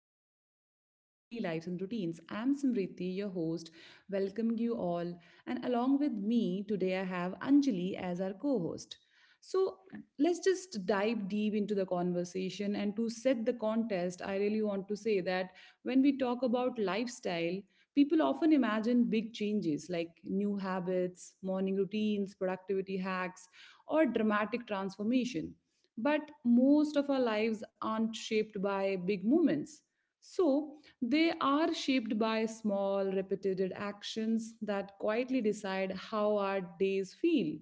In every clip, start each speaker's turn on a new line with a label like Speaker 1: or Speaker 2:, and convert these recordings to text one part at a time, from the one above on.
Speaker 1: to discuss about our daily lives and routines. I'm Samriti, your host, welcoming you all. And along with me today, I have Anjali as our co host. So let's just dive deep into the conversation. And to set the contest, I really want to say that when we talk about lifestyle, people often imagine big changes like new habits, morning routines, productivity hacks, or dramatic transformation. But most of our lives aren't shaped by big moments. So, they are shaped by small, repeated actions that quietly decide how our days feel.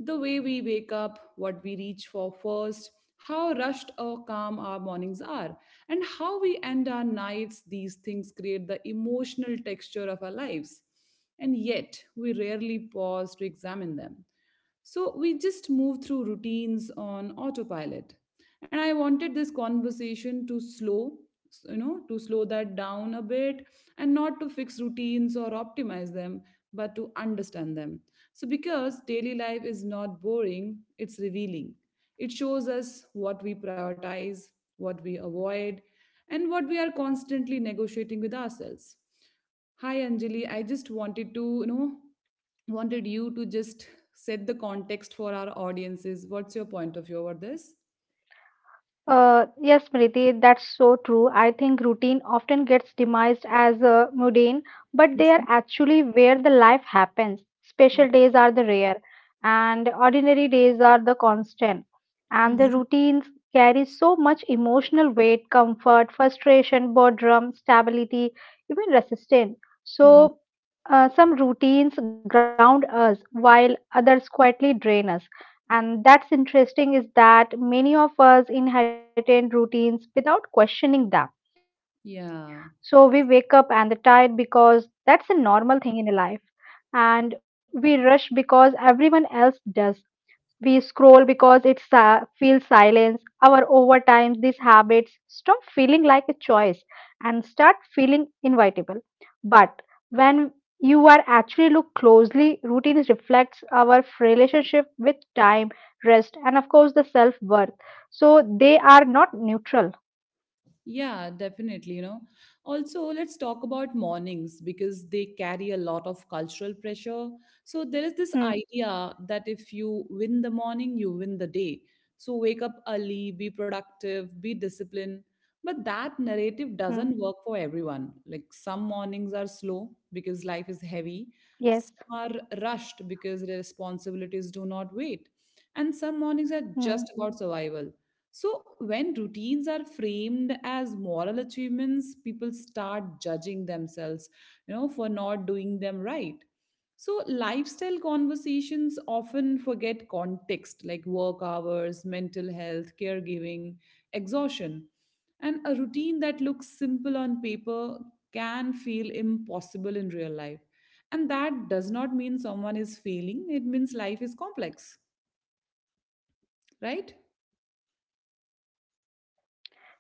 Speaker 1: The way we wake up, what we reach for first, how rushed or calm our mornings are, and how we end our nights, these things create the emotional texture of our lives. And yet, we rarely pause to examine them. So we just move through routines on autopilot. And I wanted this conversation to slow that down a bit and not to fix routines or optimize them, but to understand them. So because daily life is not boring, it's revealing. It shows us what we prioritize, what we avoid, and what we are constantly negotiating with ourselves. Hi Anjali, I just wanted you to just set the context for our audiences. What's your point of view over this?
Speaker 2: Yes, Smriti, that's so true. I think routine often gets demised as mundane, but they are
Speaker 1: Mhm.
Speaker 2: actually where the life happens.
Speaker 1: Yeah.
Speaker 2: Special days are the rare, and ordinary days are the constant. And the
Speaker 1: Mhm.
Speaker 2: routines carry so much emotional weight, comfort, frustration, boredom, stability, even resistance.
Speaker 1: Mhm.
Speaker 2: So, some routines ground us while others quietly drain us. And that's interesting is that many of us inherited routines without questioning them. So we wake up
Speaker 1: Yeah.
Speaker 2: and they're tired because that's a normal thing in a life. And we rush because everyone else does. We scroll because feels silence. Our over time, these habits stop feeling like a choice and start feeling inevitable. But when you are actually look closely, routine reflects our relationship with time, rest, and of course the self worth. So they are not neutral.
Speaker 1: Yeah, definitely. Also, let's talk about mornings because they carry a lot of cultural pressure. So there is this idea
Speaker 2: Hmm.
Speaker 1: that if you win the morning, you win the day. So wake up early, be productive, be disciplined. But that narrative doesn't work for
Speaker 2: Hmm.
Speaker 1: everyone. Like some mornings are slow because life is heavy. Some are
Speaker 2: Yes.
Speaker 1: rushed because responsibilities do not wait. And some mornings are just about survival.
Speaker 2: Hmm.
Speaker 1: So, when routines are framed as moral achievements, people start judging themselves, for not doing them right. So, lifestyle conversations often forget context like work hours, mental health, caregiving, exhaustion. And a routine that looks simple on paper can feel impossible in real life. And that does not mean someone is failing, it means life is complex, right?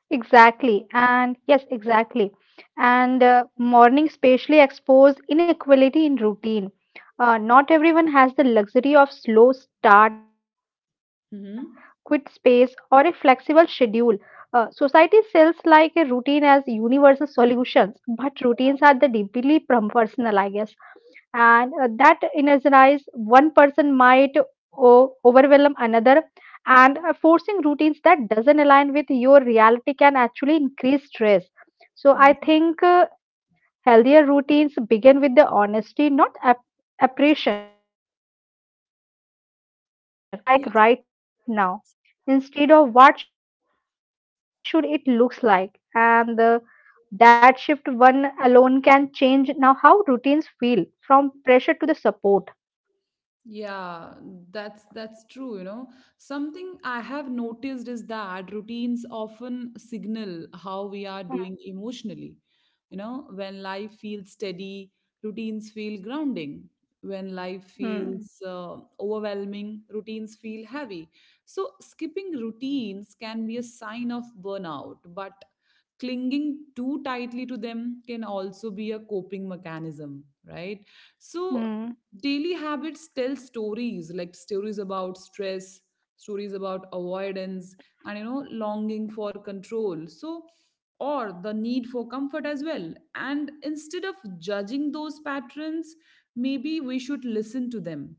Speaker 2: Exactly. Exactly. And morning spatially expose inequality in routine. Not everyone has the luxury of slow start, quit
Speaker 1: Mm-hmm.
Speaker 2: space, or a flexible schedule. Society sells like a routine as universal solutions, but routines are the deeply personal, I guess, and that energize one person might overwhelm another, and forcing routines that doesn't align with your reality can actually increase stress.
Speaker 1: Hmm.
Speaker 2: So I think, healthier routines begin with the honesty, not appreciation, and asking like, what
Speaker 1: Yeah.
Speaker 2: does my life actually looks like right now, instead of what should it looks like, and that shift one alone can change now how routines feel from pressure to the support.
Speaker 1: Yeah, that's true. Something I have noticed is that routines often signal how we are doing emotionally. When life feels steady, routines feel grounding. When life feels
Speaker 2: Hmm.
Speaker 1: overwhelming, routines feel heavy. So skipping routines can be a sign of burnout, but clinging too tightly to them can also be a coping mechanism, right? So,
Speaker 2: Hmm.
Speaker 1: daily habits tell stories like stories about stress, stories about avoidance, and longing for control. So, or the need for comfort as well. And instead of judging those patterns, maybe we should listen to them.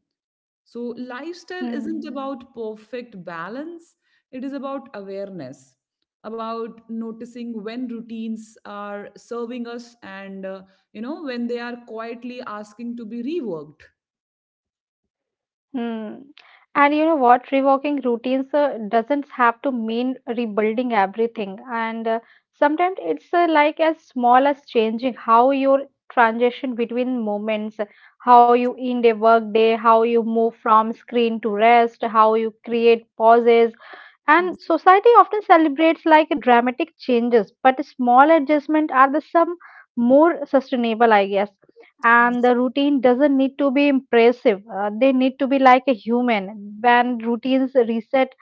Speaker 1: So, lifestyle isn't
Speaker 2: Hmm.
Speaker 1: about perfect balance, it is about awareness, about noticing when routines are serving us and when they are quietly asking to be reworked.
Speaker 2: Hmm. And you know what? Reworking routines doesn't have to mean rebuilding everything. And sometimes it's like as small as changing how your transition between moments, how you end a work day, how you move from screen to rest, how you create pauses.
Speaker 1: Mhm.
Speaker 2: And society often celebrates like dramatic changes, but small adjustments are the some more sustainable, I guess. And the routine doesn't need to be impressive. They need to be like a human. When routines reset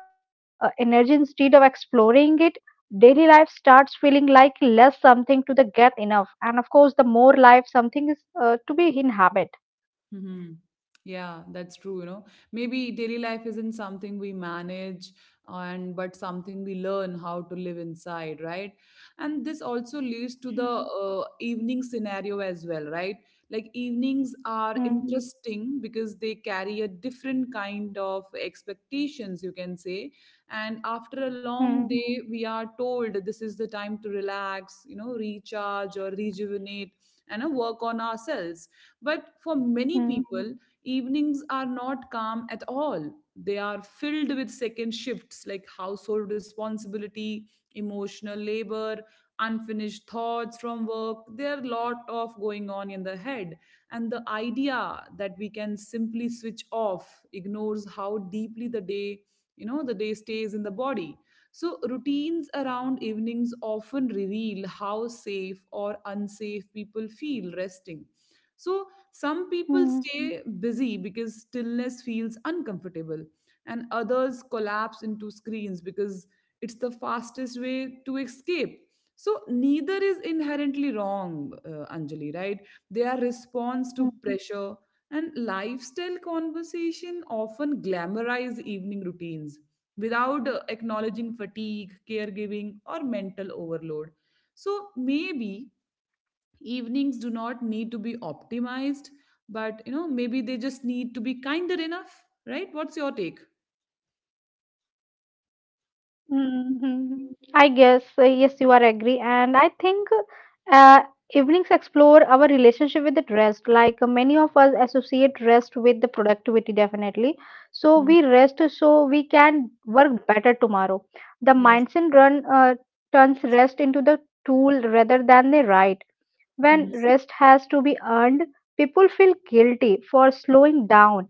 Speaker 2: energy instead of exploring it, daily life starts feeling like less something to the get enough. And of course, the more life something is to be inhabit.
Speaker 1: Hmm. Yeah, that's true. Maybe daily life isn't something we manage and but something we learn how to live inside, right? And this also leads to the
Speaker 2: Mm,
Speaker 1: uh, evening scenario as well, right? Like evenings are
Speaker 2: mm,
Speaker 1: interesting because they carry a different kind of expectations, you can say. And after a long
Speaker 2: mm,
Speaker 1: day, we are told this is the time to relax, recharge or rejuvenate and work on ourselves, but for many
Speaker 2: mm,
Speaker 1: people, evenings are not calm at all. They are filled with second shifts like household responsibility, emotional labor, unfinished thoughts from work. There are a lot of going on in the head. And the idea that we can simply switch off ignores how deeply the day stays in the body. So, routines around evenings often reveal how safe or unsafe people feel resting. So some people
Speaker 2: mm.
Speaker 1: stay busy because stillness feels uncomfortable, and others collapse into screens because it's the fastest way to escape. So neither is inherently wrong, Anjali, right? They are response to
Speaker 2: Mm.
Speaker 1: pressure, and lifestyle conversation often glamorize evening routines without acknowledging fatigue, caregiving, or mental overload. So maybe evenings do not need to be optimized, but maybe they just need to be kinder enough, right? What's your take?
Speaker 2: Mhm. I guess, yes, you are agree. And I think, uh, evenings explore our relationship with the rest. Like, many of us associate rest with the productivity, definitely. So we
Speaker 1: Mhm.
Speaker 2: rest so we can work better tomorrow. The
Speaker 1: Yeah.
Speaker 2: mindset run, turns rest into the tool rather than the right.
Speaker 1: Mhm.
Speaker 2: When rest has to be earned, people feel guilty for slowing down,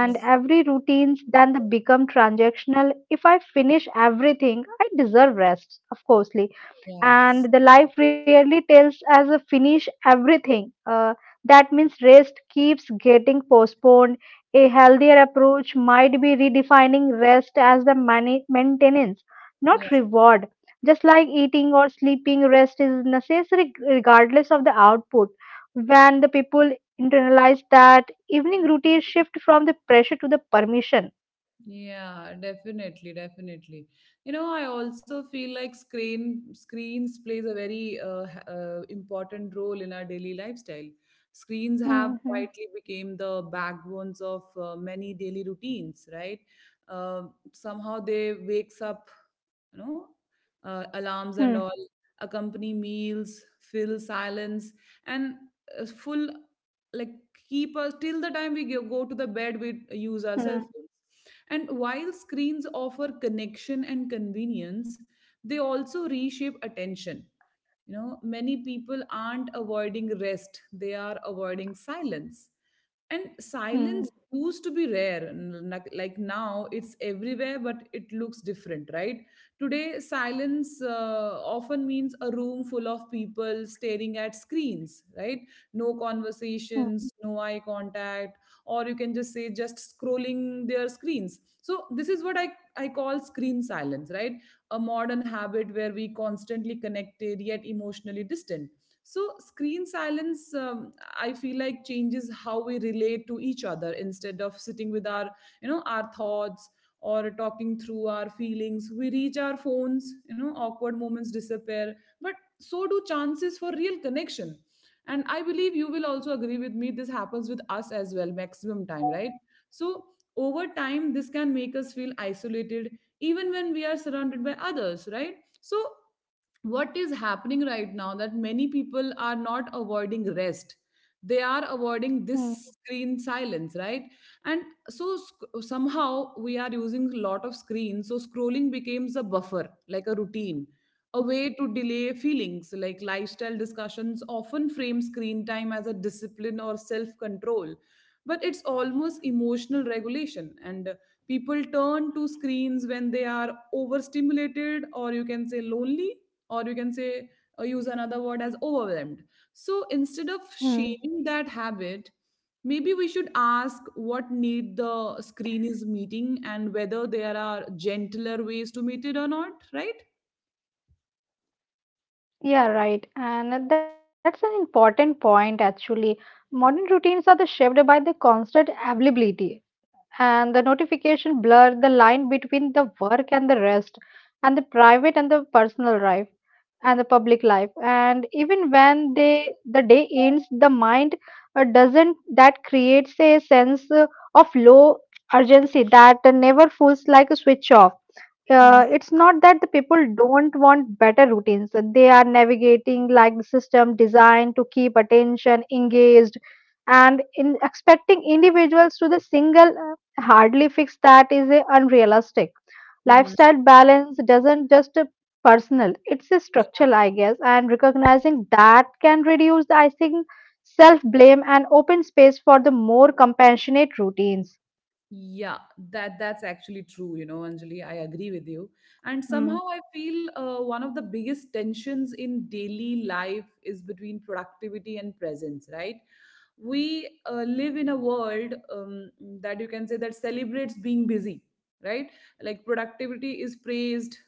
Speaker 1: Yeah.
Speaker 2: every routines then they become transactional. If I finish everything, I deserve rest, of coursely.
Speaker 1: Yeah.
Speaker 2: And the life rarely tells as a finish everything. That means rest keeps getting postponed. A healthier approach might be redefining rest as the maintenance,
Speaker 1: Yeah.
Speaker 2: not reward. Just like eating or sleeping, rest is necessary regardless of the output. When the people internalize that, evening routine shift from the pressure to the permission.
Speaker 1: Yeah, definitely, definitely. I also feel like screens plays a very important role in our daily lifestyle. Screens have
Speaker 2: Mm-hmm.
Speaker 1: quietly became the backbones of many daily routines, right? Um Somehow they wakes up, you know alarms and all,
Speaker 2: Hmm.
Speaker 1: accompany meals, fill silence, and full like keep us till the time we go to the bed, we use our cell
Speaker 2: Hmm.
Speaker 1: phones. And while screens offer connection and convenience, they also reshape attention. Many people aren't avoiding rest, they are avoiding silence. And silence
Speaker 2: Hmm.
Speaker 1: used to be rare. Like now, it's everywhere, but it looks different, right? Today, silence often means a room full of people staring at screens, right? No conversations, no eye contact, or you can just say just scrolling their screens. So, this is what I call screen silence, right? A modern habit where we constantly connected yet emotionally distant. So screen silence, I feel like, changes how we relate to each other. Instead of sitting with our you know our thoughts or talking through our feelings, we reach our phones. Awkward moments disappear, but so do chances for real connection. And I believe you will also agree with me, this happens with us as well maximum time, right? So over time this can make us feel isolated even when we are surrounded by others, right? So what is happening right now, that many people are not avoiding rest, they are avoiding this
Speaker 2: Hmm.
Speaker 1: screen silence, right? And so somehow we are using a lot of screens. So scrolling becomes a buffer, like a routine, a way to delay feelings. Like, lifestyle discussions often frame screen time as a discipline or self control, but it's almost emotional regulation. And people turn to screens when they are overstimulated, or you can say lonely, or you can say use another word, as overwhelmed. So instead of shaming that
Speaker 2: Mm-hmm.
Speaker 1: habit, maybe we should ask what need the screen is meeting and whether there are gentler ways to meet it or not, right?
Speaker 2: Yeah, right. And that's an important point, actually. Modern routines are the shaped by the constant availability, and the notification blur the line between the work and the rest, and the private and the personal life, and the public life. And even when they the day ends, the mind doesn't, that creates a sense of low urgency that never feels like a switch off.
Speaker 1: Mhm.
Speaker 2: It's not that the people don't want better routines. They are navigating like the system designed to keep attention engaged, and in expecting individuals to the single, hardly fix that is a unrealistic.
Speaker 1: Mhm.
Speaker 2: Lifestyle balance doesn't just a personal, it's a structural, I guess, and recognizing that can reduce, the I think, self blame and open space for the more compassionate routines.
Speaker 1: Yeah, that's actually true, Anjali, I agree with you. And
Speaker 2: Mm.
Speaker 1: somehow I feel one of the biggest tensions in daily life is between productivity and presence, right? We live in a world, that you can say that celebrates being busy, right? Like productivity is praised,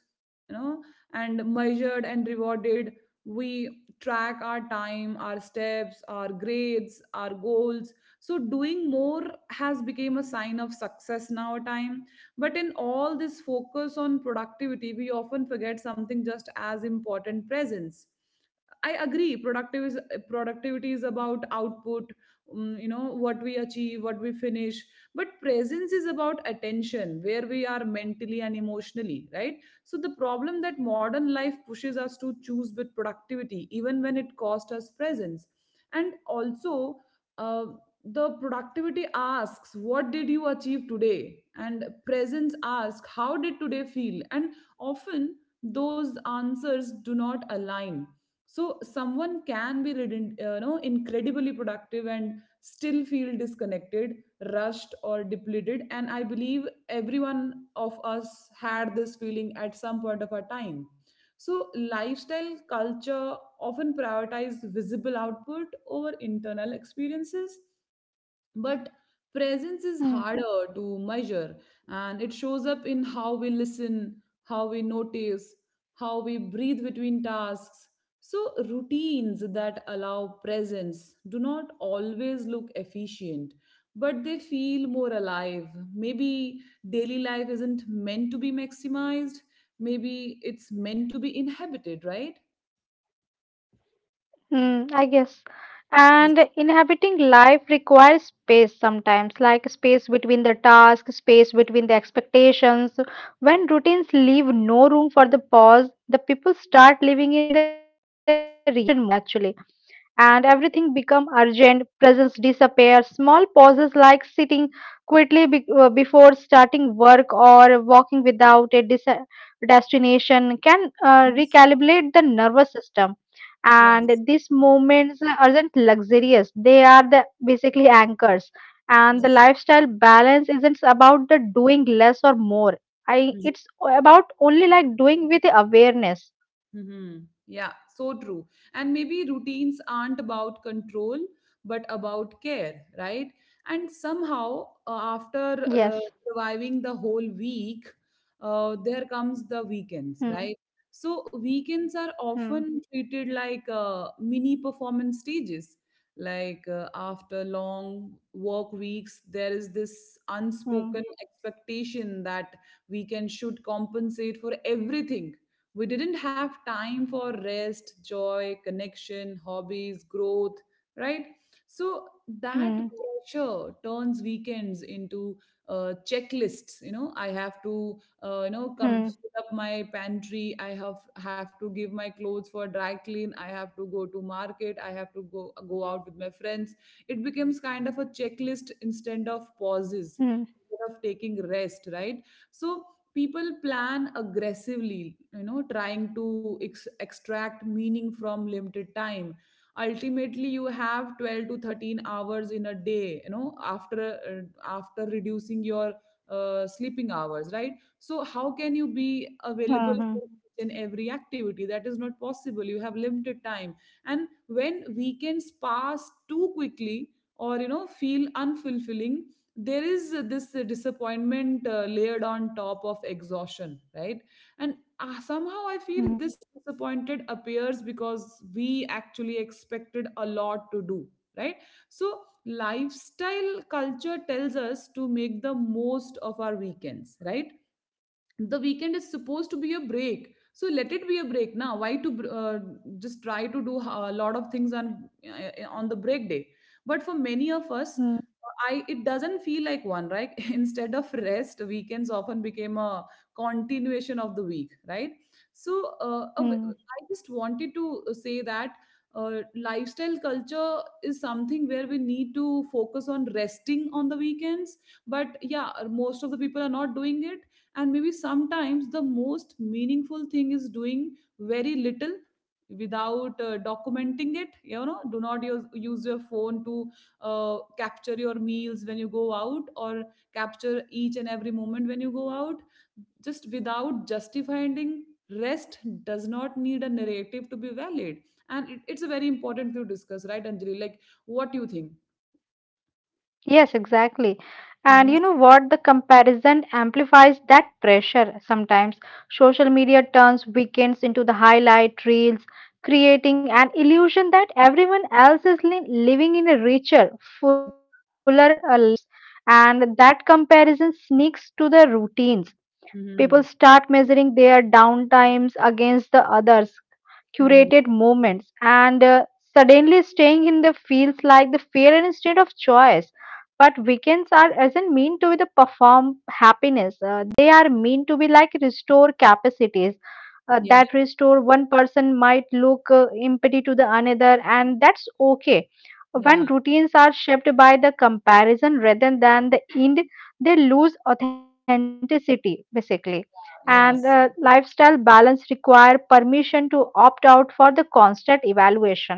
Speaker 1: you know, and measured and rewarded. We track our time, our steps, our grades, our goals, so doing more has become a sign of success now time. But in all this focus on productivity, we often forget something just as important, presence. I agree. Productive is productivity is about output. You know what we achieve, what we finish. But presence is about attention, where we are mentally and emotionally, right? So the problem, that modern life pushes us to choose with productivity, even when it costs us presence. And also, uh, the productivity asks, what did you achieve today? And presence asks, how did today feel? And often, those answers do not align. So someone can be incredibly productive and still feel disconnected, rushed or depleted. And I believe everyone of us had this feeling at some point of our time. So lifestyle culture often prioritize visible output over internal experiences, but presence
Speaker 2: Mm.
Speaker 1: is harder to measure, and it shows up in how we listen, how we notice, how we breathe between tasks. So, routines that allow presence do not always look efficient, but they feel more alive. Maybe daily life isn't meant to be maximized, maybe it's meant to be inhabited, right?
Speaker 2: Hmm, I guess. And inhabiting life requires space sometimes, like space between the tasks, space between the expectations. When routines leave no room for the pause, the people start living in the reaction mode actually. And everything become urgent, presence disappear, small pauses like sitting quickly before starting work or walking without a destination can
Speaker 1: Yes.
Speaker 2: recalibrate the nervous system.
Speaker 1: Yeah.
Speaker 2: And these moments aren't luxurious, they are the basically anchors, and the
Speaker 1: Yes.
Speaker 2: lifestyle balance isn't about the doing less or more. I it's about only like doing with awareness.
Speaker 1: Hmm. Yeah, so true. And maybe routines aren't about control, but about care, right? And somehow, after
Speaker 2: Yes.
Speaker 1: surviving the whole week, there comes the weekends,
Speaker 2: Hmm.
Speaker 1: right? So, weekends are
Speaker 2: Hmm.
Speaker 1: often treated like mini performance stages. Like after long work weeks, there is this
Speaker 2: Hmm.
Speaker 1: unspoken expectation that weekend should compensate for everything we didn't have time for: rest, joy, connection, hobbies, growth, right? So that
Speaker 2: Hmm.
Speaker 1: pressure turns weekends into checklists. I have to come
Speaker 2: Hmm.
Speaker 1: fill up my pantry. I have to give my clothes for dry clean. I have to go to market. I have to go out with my friends. It becomes kind of a checklist,
Speaker 2: Hmm.
Speaker 1: instead of pauses, instead of taking rest, right? So people plan aggressively, you know, trying to extract meaning from limited time. Ultimately, you have 12 to 13 hours in a day, you know, after uh, after reducing your sleeping hours, right? So how can you be
Speaker 2: Hmm.
Speaker 1: available for each and every activity? That is not possible. You have limited time. And when weekends pass too quickly, or you know, feel unfulfilling, there is this disappointment layered on top of exhaustion, right? And somehow I
Speaker 2: Hmm.
Speaker 1: feel this disappointed appears because we actually expected a lot to do, right? So, lifestyle culture tells us to make the most of our weekends, right? The weekend is supposed to be a break, so let it be a break. Now why to just try to do a lot of things on the break day? But for many of us,
Speaker 2: Hmm.
Speaker 1: I it doesn't feel like one, right? Instead of rest, weekends often became a continuation of the week, right? So uh, a
Speaker 2: Hmm.
Speaker 1: w- i just wanted to say that lifestyle culture is something where we need to focus on resting on the weekends. But yeah, most of the people are not doing it. And maybe sometimes the most meaningful thing is doing very little, without documenting it, you know. Do not use your phone to capture your meals when you go out, or capture each and every moment when you go out, just without justifying. Rest does not need a narrative to be valid. And it's a very important to discuss, right, Anjali? Like, what do you think?
Speaker 2: Yes, exactly. And
Speaker 1: Mm-hmm.
Speaker 2: you know what? The comparison amplifies that pressure sometimes. Social media turns weekends into the highlight reels, creating an illusion that everyone else is living in a richer, fuller lives. And that comparison sneaks to their routines. People
Speaker 1: Mm-hmm.
Speaker 2: start measuring their downtimes against the others,
Speaker 1: Mm-hmm.
Speaker 2: curated moments, and suddenly staying in the feels like the fear instead of choice. But weekends are doesn't mean to be the perform happiness. They are mean to be like restore capacities.
Speaker 1: Yeah,
Speaker 2: That restore one person might look empty to the another, and that's okay. When
Speaker 1: yeah,
Speaker 2: routines are shaped by the comparison rather than the end, they lose authenticity basically. And
Speaker 1: yeah.
Speaker 2: lifestyle balance require permission to opt out for the constant evaluation.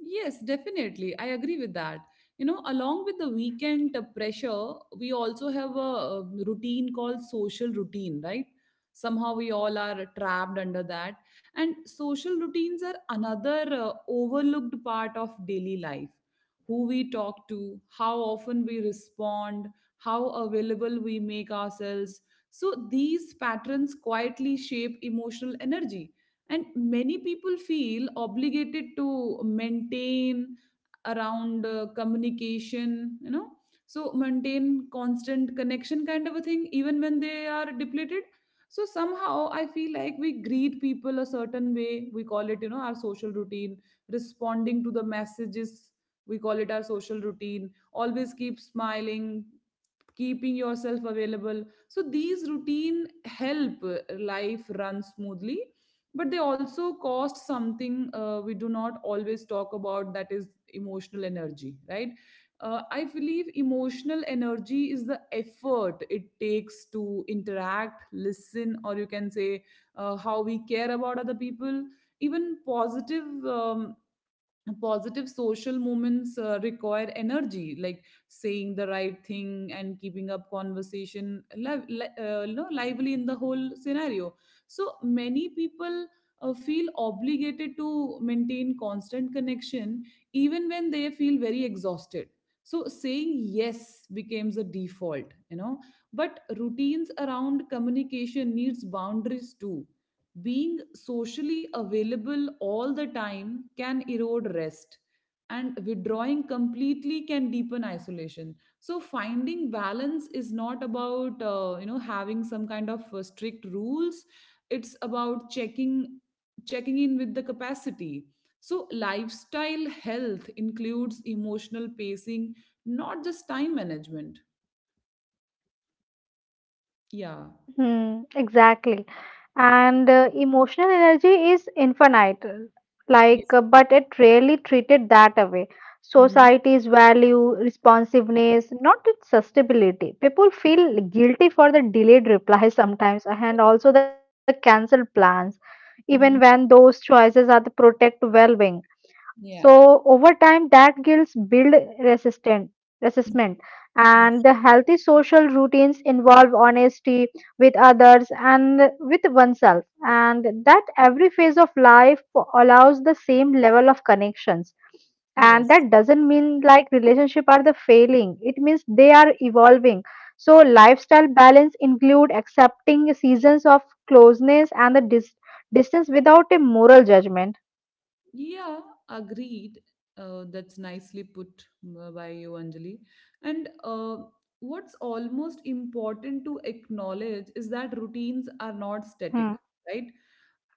Speaker 1: Yes, definitely. I agree with that. You know, along with the weekend pressure, we also have a, routine called social routine, right? Somehow we all are trapped under that. And social routines are another overlooked part of daily life. Who we talk to, how often we respond, how available we make ourselves. So these patterns quietly shape emotional energy, and many people feel obligated to maintain around communication, you know, so maintain constant connection kind of a thing, even when they are depleted. So somehow I feel like we greet people a certain way, we call it, you know, our social routine. Responding to the messages, we call it our social routine. Always keep smiling, keeping yourself available. So these routine help life run smoothly, but they also cost something we do not always talk about, that is emotional energy, right? I believe emotional energy is the effort it takes to interact, listen, or you can say how we care about other people. Even positive social movements require energy, like saying the right thing and keeping up conversation li- li- no, lively in the whole scenario. So many people feel obligated to maintain constant connection even when they feel very exhausted. So saying yes becomes a default, you know. But routines around communication needs boundaries too. Being socially available all the time can erode rest, and withdrawing completely can deepen isolation. So finding balance is not about, you know, having some kind of strict rules. It's about checking in with the capacity. So lifestyle health includes emotional pacing, not just time management. Yeah.
Speaker 2: Hmm, exactly. And emotional energy is infinite, like,
Speaker 1: Yes.
Speaker 2: but it rarely treated that way.
Speaker 1: Hmm.
Speaker 2: Societies value responsiveness, not its sustainability. People feel guilty for the delayed replies sometimes, and also the cancelled plans, even
Speaker 1: Hmm.
Speaker 2: when those choices are to protect well-being.
Speaker 1: Yeah.
Speaker 2: So over time, that guilt build resistant, resistment, and the healthy social routines involve honesty with others and with oneself, and that every phase of life allows the same level of connections. And
Speaker 1: Yes.
Speaker 2: that doesn't mean like relationship are the failing. It means they are evolving. So lifestyle balance include accepting seasons of closeness and the distance without a moral judgment.
Speaker 1: Yeah, agreed. That's nicely put by you, Anjali. And what's almost important to acknowledge is that routines are not static,
Speaker 2: Hmm.
Speaker 1: right?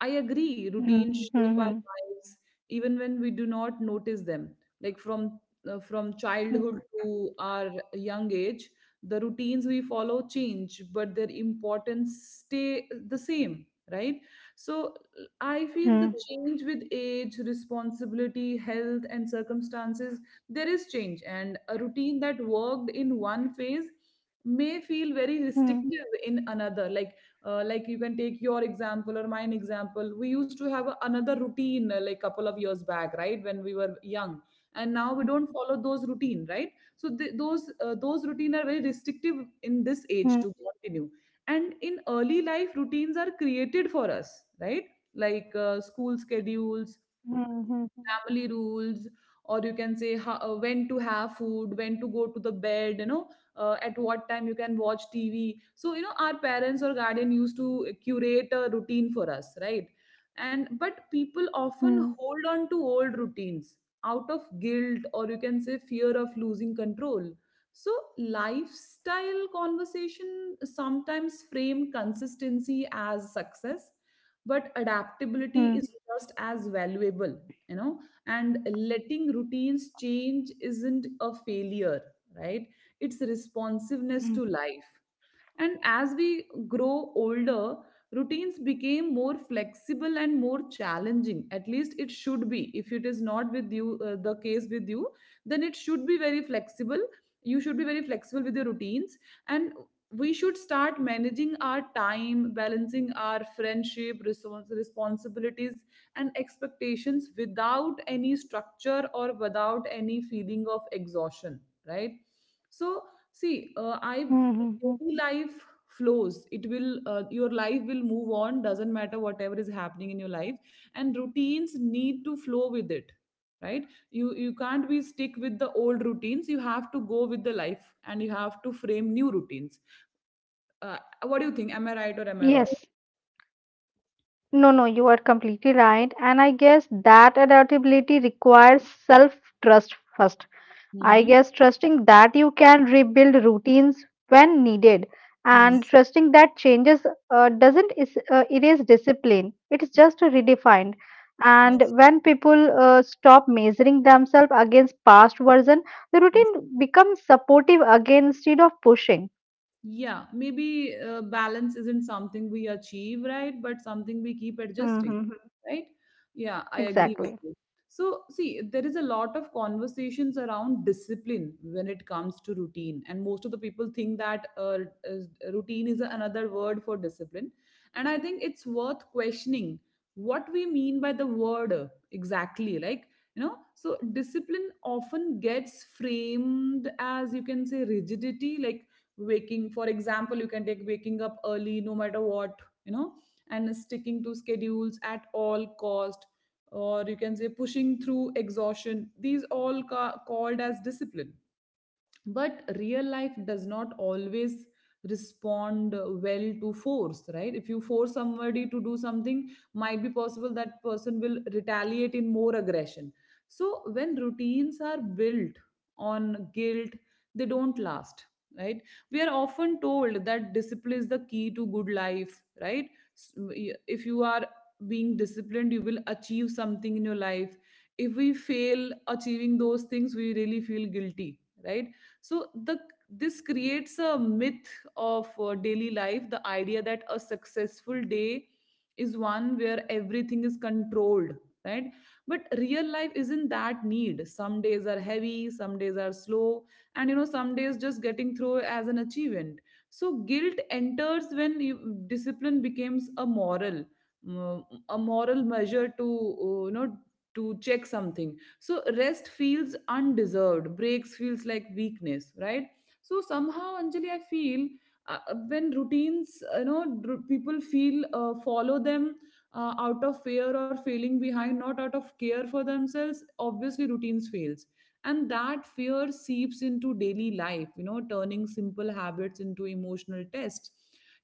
Speaker 1: I agree, routines
Speaker 2: Mhm,
Speaker 1: shape our
Speaker 2: mhm,
Speaker 1: lives even when we do not notice them. Like from childhood
Speaker 2: mhm,
Speaker 1: to our young age, the routines we follow change, but their importance stay the same, right? So I feel the
Speaker 2: mhm,
Speaker 1: change with age, responsibility, health, and circumstances, there is change. And a routine that worked in one phase may feel very
Speaker 2: mhm,
Speaker 1: restrictive in another. Like you can take your example or mine example. We used to have a, another routine, like couple of years back, right, when we were young.
Speaker 2: mhm,
Speaker 1: And now we don't follow those routine, right? So those routine are very restrictive in
Speaker 2: mhm,
Speaker 1: this age to continue. And in early life, routines are created for us, right? Like, school schedules, family rules, or you can say how, when to have food, when to go to the bed, you know, at what time you can watch tv. So you know, our parents or guardian used to curate a routine for us, right? And but people
Speaker 2: mhm,
Speaker 1: often hold on to old routines out of guilt, or you can say fear of losing control. So lifestyle conversation sometimes frame consistency as success, but adaptability
Speaker 2: mhm,
Speaker 1: is just as valuable, you know. And letting routines change isn't a failure, right? It's responsiveness to life. And as we grow older, routines became more flexible and more challenging. At least it should be. If it is not with you, the case with you, then it should be very flexible. You should be very flexible with your routines. And we should start managing our time, balancing our friendship, responsibilities, and expectations without any structure or without any feeling of exhaustion, right? So, see, I
Speaker 2: mhm, mhm.
Speaker 1: daily life flows. It will, your life will move on. Doesn't matter whatever is happening in your life, and routines need to flow with it, right? You can't be stick with the old routines. You have to go with the life, and you have to frame new routines. Uh, what do you think? Am I right or am I wrong?
Speaker 2: Yes, no, you are completely right. And I guess that adaptability requires self trust first. I guess trusting that you can rebuild routines when needed, and trusting that changes, doesn't erase discipline. It's just redefined.
Speaker 1: Mm-hmm.
Speaker 2: And when people stop measuring themselves against past version, the routine becomes supportive again instead of pushing.
Speaker 1: Yeah, maybe balance isn't something we achieve, right? But something we keep adjusting,
Speaker 2: Hmm.
Speaker 1: right? Yeah, I agree with
Speaker 2: Exactly.
Speaker 1: you. So, see, there is a lot of conversations around discipline when it comes to routine, and most of the people think that routine is another word for discipline. And I think it's worth questioning what we mean by the word exactly. Like, you know, so discipline often gets framed as you can say rigidity, like waking for example you can take waking up early no matter what, you know, and sticking to schedules at all cost, or you can say pushing through exhaustion. These all called as discipline. But real life does not always respond well to force, right? If you force somebody to do something, might be possible that person will retaliate in more aggression. So when routines are built on guilt, they don't last, right? We are often told that discipline is the key to good life, right? S- if you are being disciplined, you will achieve something in your life. If we fail achieving those things, we really feel guilty, right? So the this creates a myth of daily life, the idea that a successful day is one where everything is controlled, right? But real life isn't that need. Some days are heavy, some days are slow, and you know, some days just getting through as an achievement. So guilt enters when you, discipline becomes a mm, moral measure to, you know, to check something. So rest feels undeserved, breaks feels like weakness, right? So somehow Anjali, I feel when routines, you know, people feel, follow them, out of fear or failing behind, not out of care for themselves. Obviously routines fails. And that fear seeps into daily life, you know, turning simple habits into emotional tests.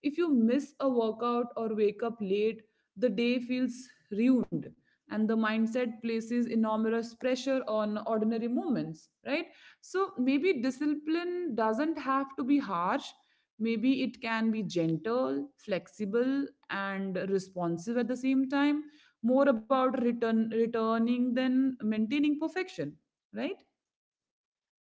Speaker 1: If you miss a workout or wake up late, the day feels ruined. And the mindset places enormous pressure on ordinary moments, right? So maybe discipline doesn't have to be harsh, maybe it can be gentle, flexible, and responsive at the same time, more about returning than maintaining perfection, right?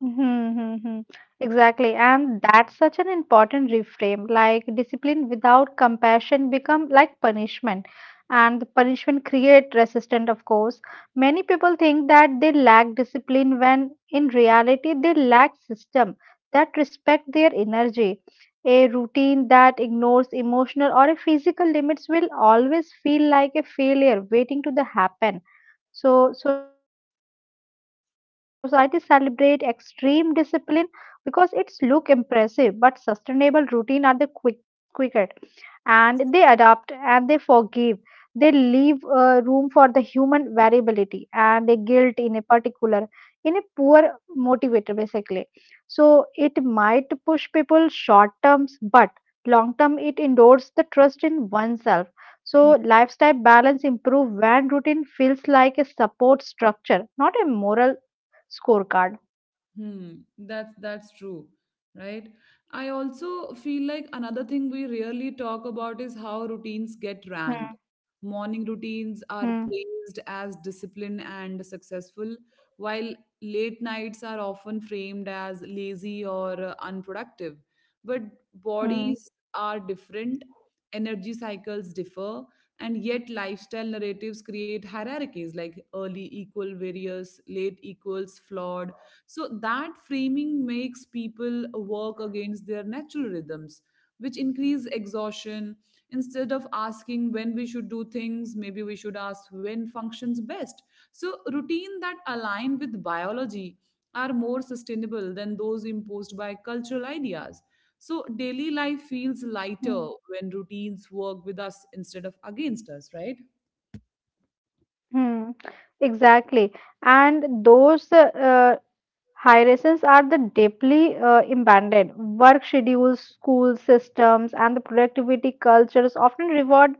Speaker 2: Mm-hmm. Exactly. And that's such an important reframe. Like discipline without compassion become like punishment. And the punishment create resistance, of course. Many people think that they lack discipline when in reality they lack system that respect their energy. A routine that ignores emotional or a physical limits will always feel like a failure waiting to the happen. So society celebrate extreme discipline because it's look impressive, but sustainable routine are the quicker, and they adapt and they forgive. They leave room for the human variability, and the guilt in a particular, in a poor motivator basically. So it might push people short terms, but long term it endures the trust in oneself. So lifestyle balance improve when routine feels like a support structure, not a moral scorecard.
Speaker 1: Hmm, that's true, right? I also feel like another thing we rarely talk about is how routines get ranked.
Speaker 2: Hmm.
Speaker 1: Morning routines are
Speaker 2: Hmm.
Speaker 1: praised as disciplined and successful, while late nights are often framed as lazy or, unproductive. But
Speaker 2: Hmm.
Speaker 1: bodies are different, energy cycles differ, and yet lifestyle narratives create hierarchies like early equal various, late equals flawed. So that framing makes people work against their natural rhythms, which increase exhaustion. Instead of asking when we should do things, maybe we should ask when functions best. So routine that align with biology are more sustainable than those imposed by cultural ideas. So daily life feels
Speaker 2: Hmm.
Speaker 1: lighter when routines work with us instead of against us, right?
Speaker 2: Hmm. Exactly. And those hierarchies are the deeply embedded. Work schedules, school systems, and the productivity cultures often reward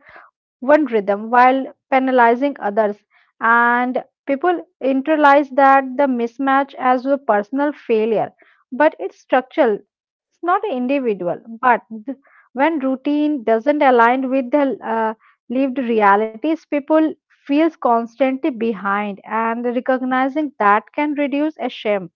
Speaker 2: one rhythm while penalizing others. And people internalize that the mismatch as a personal failure, but it's structural. It's not individual. Th- when routine doesn't align with the lived realities, people feels constantly behind, and recognizing that can reduce a shame.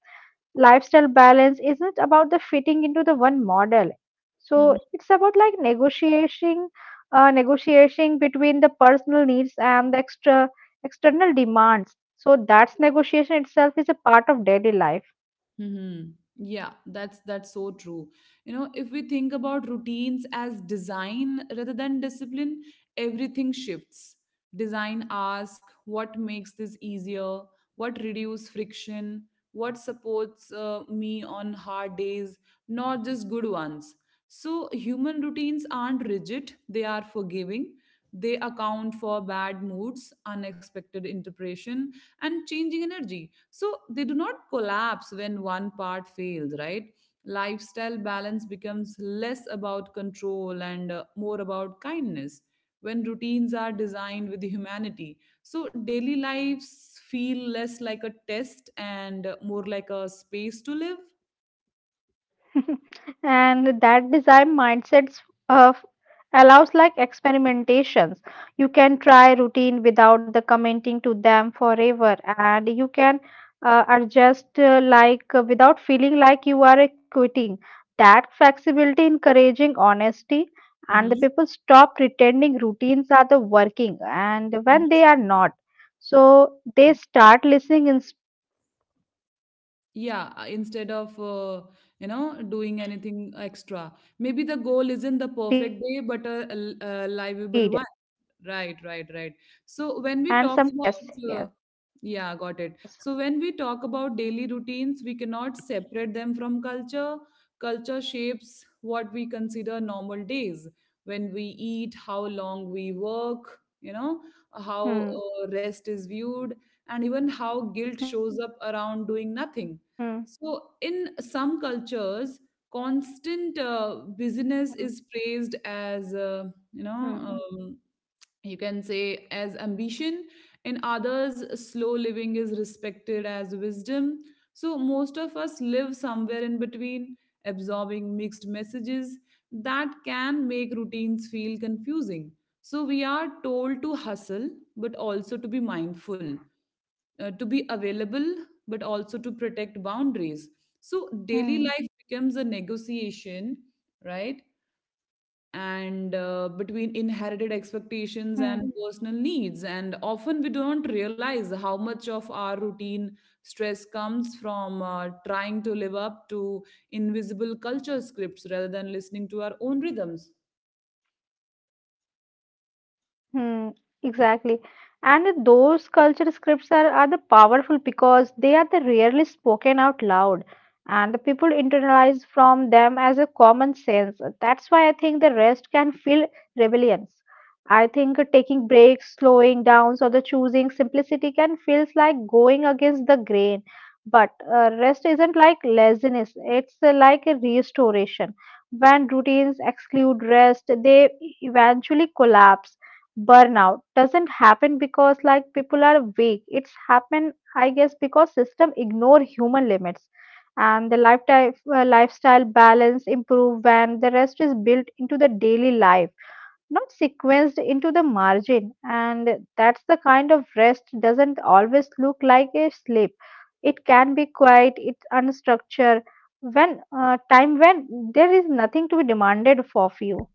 Speaker 2: Lifestyle balance isn't about the fitting into the one model. So it's about like negotiating, negotiating between the personal needs and the extra external demands. So that's negotiation itself is a part of daily life.
Speaker 1: Mm-hmm. Yeah, that's so true. You know, if we think about routines as design rather than discipline, everything shifts. Design ask what makes this easier, what reduce friction, what supports me on hard days, not just good ones. So, human routines aren't rigid, they are forgiving. They account for bad moods, unexpected interpretation, and changing energy. So, they do not collapse when one part fails, right? Lifestyle balance becomes less about control and, more about kindness when routines are designed with humanity. So, daily lives feel less like a test and, more like a space to live.
Speaker 2: And that design mindsets uh, allows like experimentations. You can try routine without the commenting to them forever, and you can adjust, like without feeling like you are quitting. That flexibility encouraging honesty, and the
Speaker 1: Mhm.
Speaker 2: people stop pretending routines are the working and when they are not. So they start listening instead. That listening is where
Speaker 1: Yeah,
Speaker 2: the real
Speaker 1: instead of
Speaker 2: balance begins.
Speaker 1: doing anything extra, maybe the goal isn't the perfect day but a livable one.
Speaker 2: And
Speaker 1: Right,
Speaker 2: sometimes,
Speaker 1: right,
Speaker 2: mm,
Speaker 1: right. So when we talk
Speaker 2: yes,
Speaker 1: about,
Speaker 2: yes.
Speaker 1: yeah, got it. So when we talk about daily routines, we cannot separate them from culture. Culture shapes what we consider normal days, when we eat, how long we work,
Speaker 2: Hmm,
Speaker 1: you know, how rest is viewed,
Speaker 2: hmm,
Speaker 1: and even how guilt shows up around doing nothing. So in some
Speaker 2: hmm,
Speaker 1: cultures, constant
Speaker 2: hmm,
Speaker 1: busyness is praised as, you know um, you can say, as ambition. In others, slow living is respected as wisdom. So most of us live somewhere in between, absorbing mixed messages that can make routines feel confusing. So we are told to hustle, but also to be mindful, to be available, but also to protect
Speaker 2: hmm,
Speaker 1: boundaries. So daily life becomes a negotiation, right? And
Speaker 2: hmm.
Speaker 1: between inherited expectations and personal needs, and often we don't realize how much of our routine stress comes from trying to live up to invisible culture scripts rather than listening to our own rhythms.
Speaker 2: Hmm, exactly. And those culture scripts are the powerful because they are the rarely spoken out loud, and the people internalize from them as a common sense. That's why I think the rest can feel rebellions. I think taking breaks, slowing down, or the choosing simplicity can feels like going against the grain. But rest isn't like laziness, it's like a restoration. When routines exclude rest, they eventually collapse. Burnout doesn't happen because like people are weak. It's happen, I guess, because system ignore human limits. And the lifetime, lifestyle balance improve when the rest is built into the daily life, not sequenced into the margin, and that's the kind of rest doesn't always look like a sleep. It can be quiet, it's unstructured, when time, when there is nothing to be demanded of you.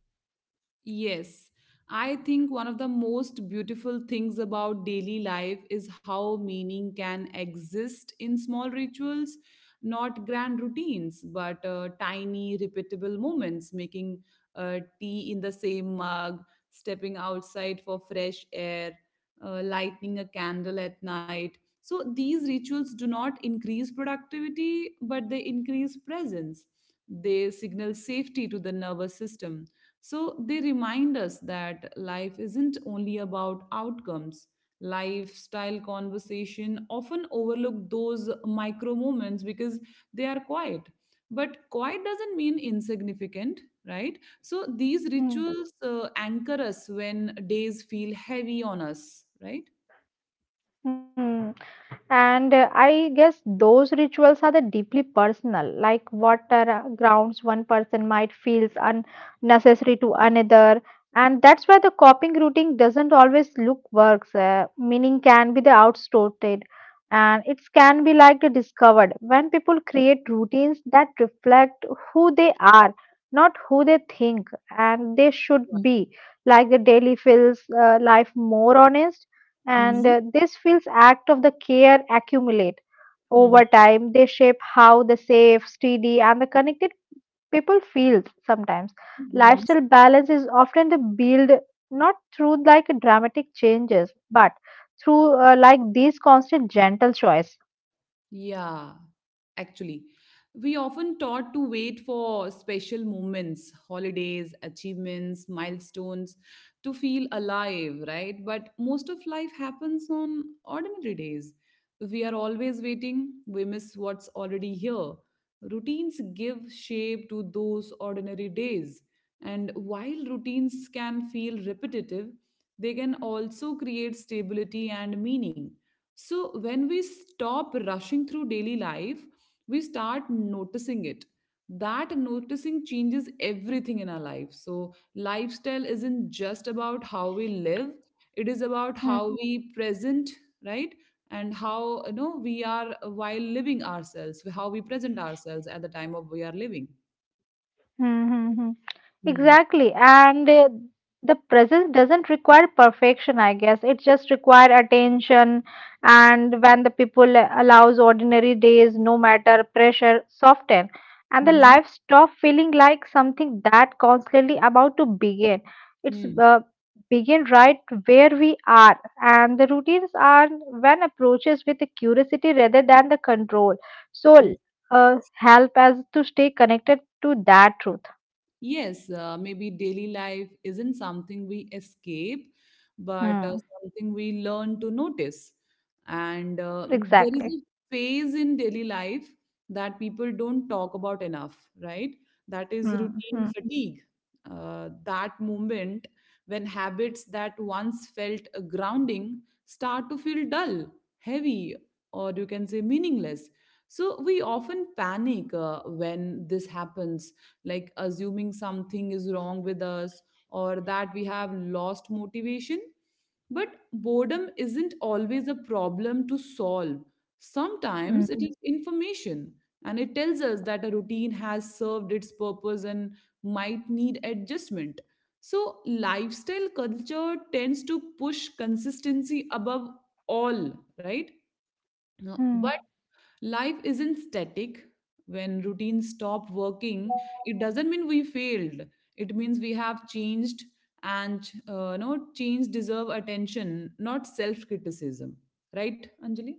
Speaker 1: Yes, I think one of the most beautiful things about daily life is how meaning can exist in small rituals, not grand routines, but tiny, repeatable moments, making tea in the same mug, stepping outside for fresh air, lighting a candle at night. So these rituals do not increase productivity, but they increase presence. They signal safety to the nervous system, so they remind us that life isn't only about outcomes. Lifestyle conversation often overlook those micro moments because they are quiet. But quiet doesn't mean insignificant, right? So these
Speaker 2: Hmm.
Speaker 1: rituals anchor us when days feel heavy on us, right?
Speaker 2: Hmm. And I guess those rituals are the deeply personal, like what are, grounds one person might feels unnecessary to another. And that's why the coping routine doesn't always look works. Meaning can be the outstated, and it can be like the discovered when people create routines that reflect who they are, not who they think, and they should be. Like the daily feels life more honest, and
Speaker 1: Mhm.
Speaker 2: this feels act of the care accumulate over time, they shape how the safe, steady and the connected people feel sometimes.
Speaker 1: Mhm.
Speaker 2: Lifestyle balance is often the build not through like dramatic changes, but through like these constant gentle choice.
Speaker 1: Yeah, actually. We often taught to wait for special moments, holidays, achievements, milestones to feel alive, right? But most of life happens on ordinary days. We are always waiting, we miss what's already here. Routines give shape to those ordinary days. And while routines can feel repetitive, they can also create stability and meaning. So, when we stop rushing through daily life, we start noticing it. That noticing changes everything in our life. So, lifestyle isn't just about how we live, it is about
Speaker 2: Hmm.
Speaker 1: how we present, right? And how, you know, we are while living ourselves, how we present ourselves at the time of we are living.
Speaker 2: Hmm, hmm, hmm.
Speaker 1: Hmm.
Speaker 2: Exactly. And the presence doesn't require perfection, I guess. It just require attention. And when the people allows ordinary days, no matter pressure, soften. And the
Speaker 1: Mhm.
Speaker 2: life stop feeling like something that constantly about to begin. It's
Speaker 1: Hmm.
Speaker 2: begin right where we are. And the routines are when approaches with the curiosity rather than the control. So
Speaker 1: Hmm.
Speaker 2: help us to stay connected to that truth.
Speaker 1: Yes, maybe daily life isn't something we escape, but
Speaker 2: Hmm.
Speaker 1: something we learn to notice. And
Speaker 2: Exactly.
Speaker 1: there is a phase in daily life that people don't talk about enough, right? That is
Speaker 2: Mm. Mm.
Speaker 1: routine fatigue. That moment when habits that once felt a grounding start to feel dull, heavy, or you can say meaningless. So we often panic when this happens, like assuming something is wrong with us or that we have lost motivation. But boredom isn't always a problem to solve. Sometimes it
Speaker 2: Mm.
Speaker 1: is information, and it tells us that a routine has served its purpose and might need adjustment. So, lifestyle culture tends to push consistency above all, right? No.
Speaker 2: Mm.
Speaker 1: But life isn't static. When routines stop working, it doesn't mean we failed. It means we have changed, and no change deserve attention, not self criticism. Right, Anjali?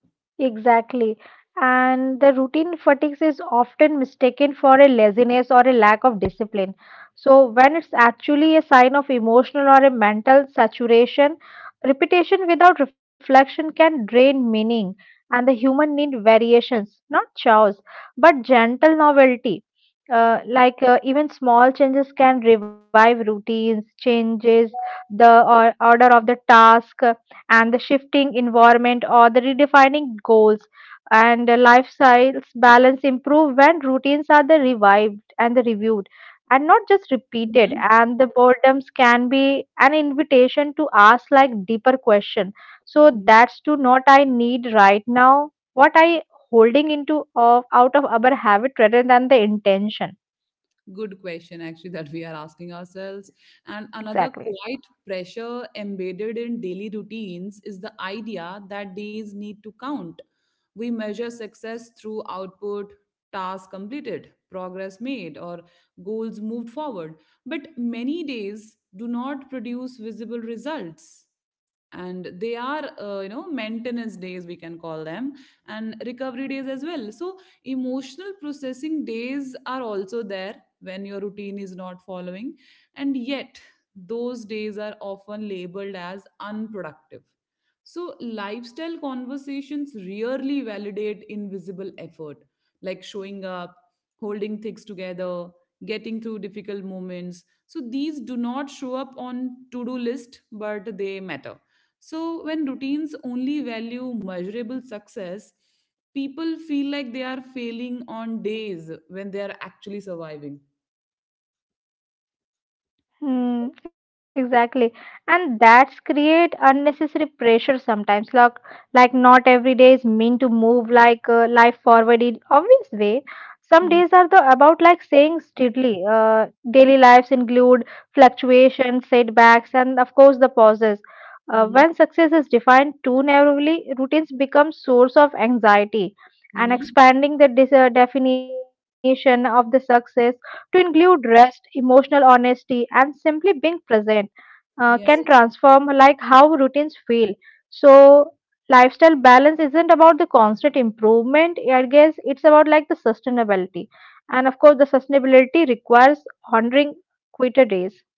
Speaker 2: Exactly. And the routine fatigue is often mistaken for a laziness or a lack of discipline. So, when it's actually a sign of emotional or a mental saturation, repetition without reflection can drain meaning. And the human need variations, not chaos, but gentle novelty. Even small changes can revive routines, changes the or order of the task, and the shifting environment or the redefining goals, and the lifestyles balance improve when routines are the revived and the reviewed and not just repeated.
Speaker 1: Mhm.
Speaker 2: And the boredoms can be an invitation to ask like deeper question, so that's to not I need right now, what I holding into of out of our habit rather than the intention.
Speaker 1: Good question, actually, that we are asking ourselves. And another
Speaker 2: Exactly.
Speaker 1: quiet pressure embedded in daily routines is the idea that days need to count. We measure success through output, tasks completed, progress made, or goals moved forward. But many days do not produce visible results, and they are, you know, maintenance days, we can call them, and recovery days as well. So emotional processing days are also there when your routine is not following. And yet, those days are often labeled as unproductive. So, lifestyle conversations rarely validate invisible effort, like showing up, holding things together, getting through difficult moments. So, these do not show up on to do list, but they matter. So, when routines only value measurable success, people feel like they are failing on days when they are actually surviving.
Speaker 2: Hmm, exactly. And that's create unnecessary pressure sometimes. Like not every day is meant to move like life forward in obvious way. Some
Speaker 1: Mhm.
Speaker 2: days are the about like saying steadily.
Speaker 1: Mhm.
Speaker 2: Daily lives include fluctuations, setbacks, and of course the pauses.
Speaker 1: Mhm.
Speaker 2: When success is defined too narrowly, routines become source of anxiety. And
Speaker 1: Mhm.
Speaker 2: expanding the definition of the success to include rest, emotional honesty, and simply being present can
Speaker 1: Yeah.
Speaker 2: transform like how routines feel. So lifestyle balance isn't about the constant improvement. I guess it's about like the sustainability, and of course the sustainability requires honoring quitter days.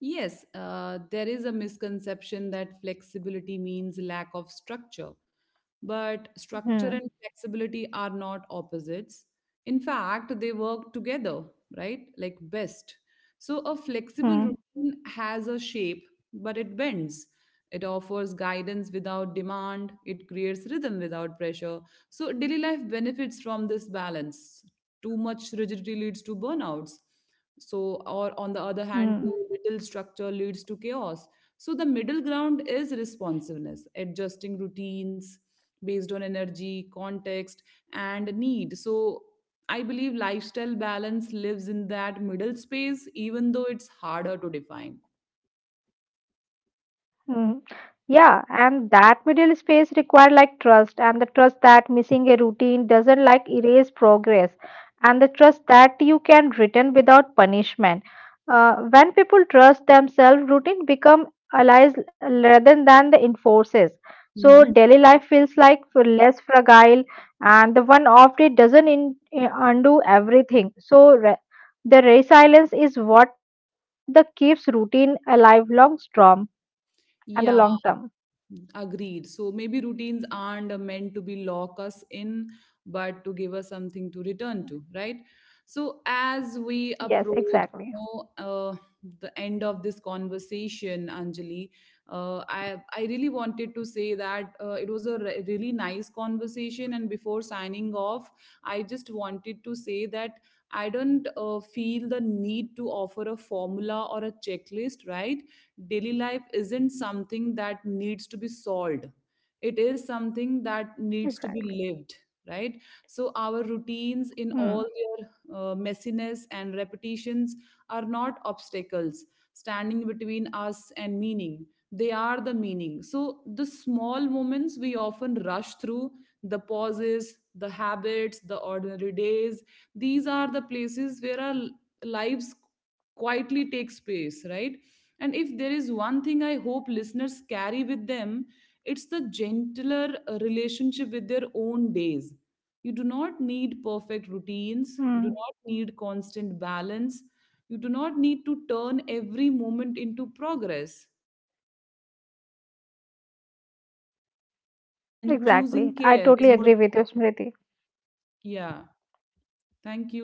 Speaker 1: Yes, there is a misconception that flexibility means lack of structure, but structure and
Speaker 2: Hmm.
Speaker 1: flexibility are not opposites. In fact, they work together, right? Like best. So a flexible
Speaker 2: Hmm.
Speaker 1: routine has a shape, but it bends. It offers guidance without demand. It creates rhythm without pressure. So daily life benefits from this balance. Too much rigidity leads to burnouts, so or on the other hand
Speaker 2: Hmm.
Speaker 1: too little structure leads to chaos. So the middle ground is responsiveness, adjusting routines based on energy, context, and need. So I believe lifestyle balance lives in that middle space, even though it's harder to define.
Speaker 2: Mm. Yeah, and that middle space required like trust, and the trust that missing a routine doesn't like erase progress, and the trust that you can return without punishment. When people trust themselves, routine become allies rather than the enforces. So
Speaker 1: Hmm.
Speaker 2: daily life feels like less fragile, and the one off day doesn't undo everything. The resilience is what the keeps routine alive long term and the long term.
Speaker 1: Agreed. So maybe routines aren't meant to be lock us in, but to give us something to return to, right? So as we
Speaker 2: Yes,
Speaker 1: approach,
Speaker 2: exactly.
Speaker 1: you know, the end of this conversation, Anjali, I really wanted to say that it was a really nice conversation. And before signing off, I just wanted to say that I don't feel the need to offer a formula or a checklist, right? Daily life isn't something that needs to be solved, it is something that needs to be
Speaker 2: Exactly.
Speaker 1: lived, right? So our routines, in all
Speaker 2: Hmm,
Speaker 1: their messiness and repetitions, are not obstacles standing between us and meaning. They are the meaning. So the small moments we often rush through, the pauses, the habits, the ordinary days, these are the places where lives quietly take space, right? And if there is one thing I hope listeners carry with them, it's the gentler relationship with their own days. You do not need perfect routines, you do
Speaker 2: hmm.
Speaker 1: not need constant balance, you do not need to turn every moment into progress. Sometimes showing up, noticing, and choosing care
Speaker 2: Exactly.
Speaker 1: is
Speaker 2: I
Speaker 1: more than.
Speaker 2: totally agree with you, Smriti.
Speaker 1: Yeah. Thank you.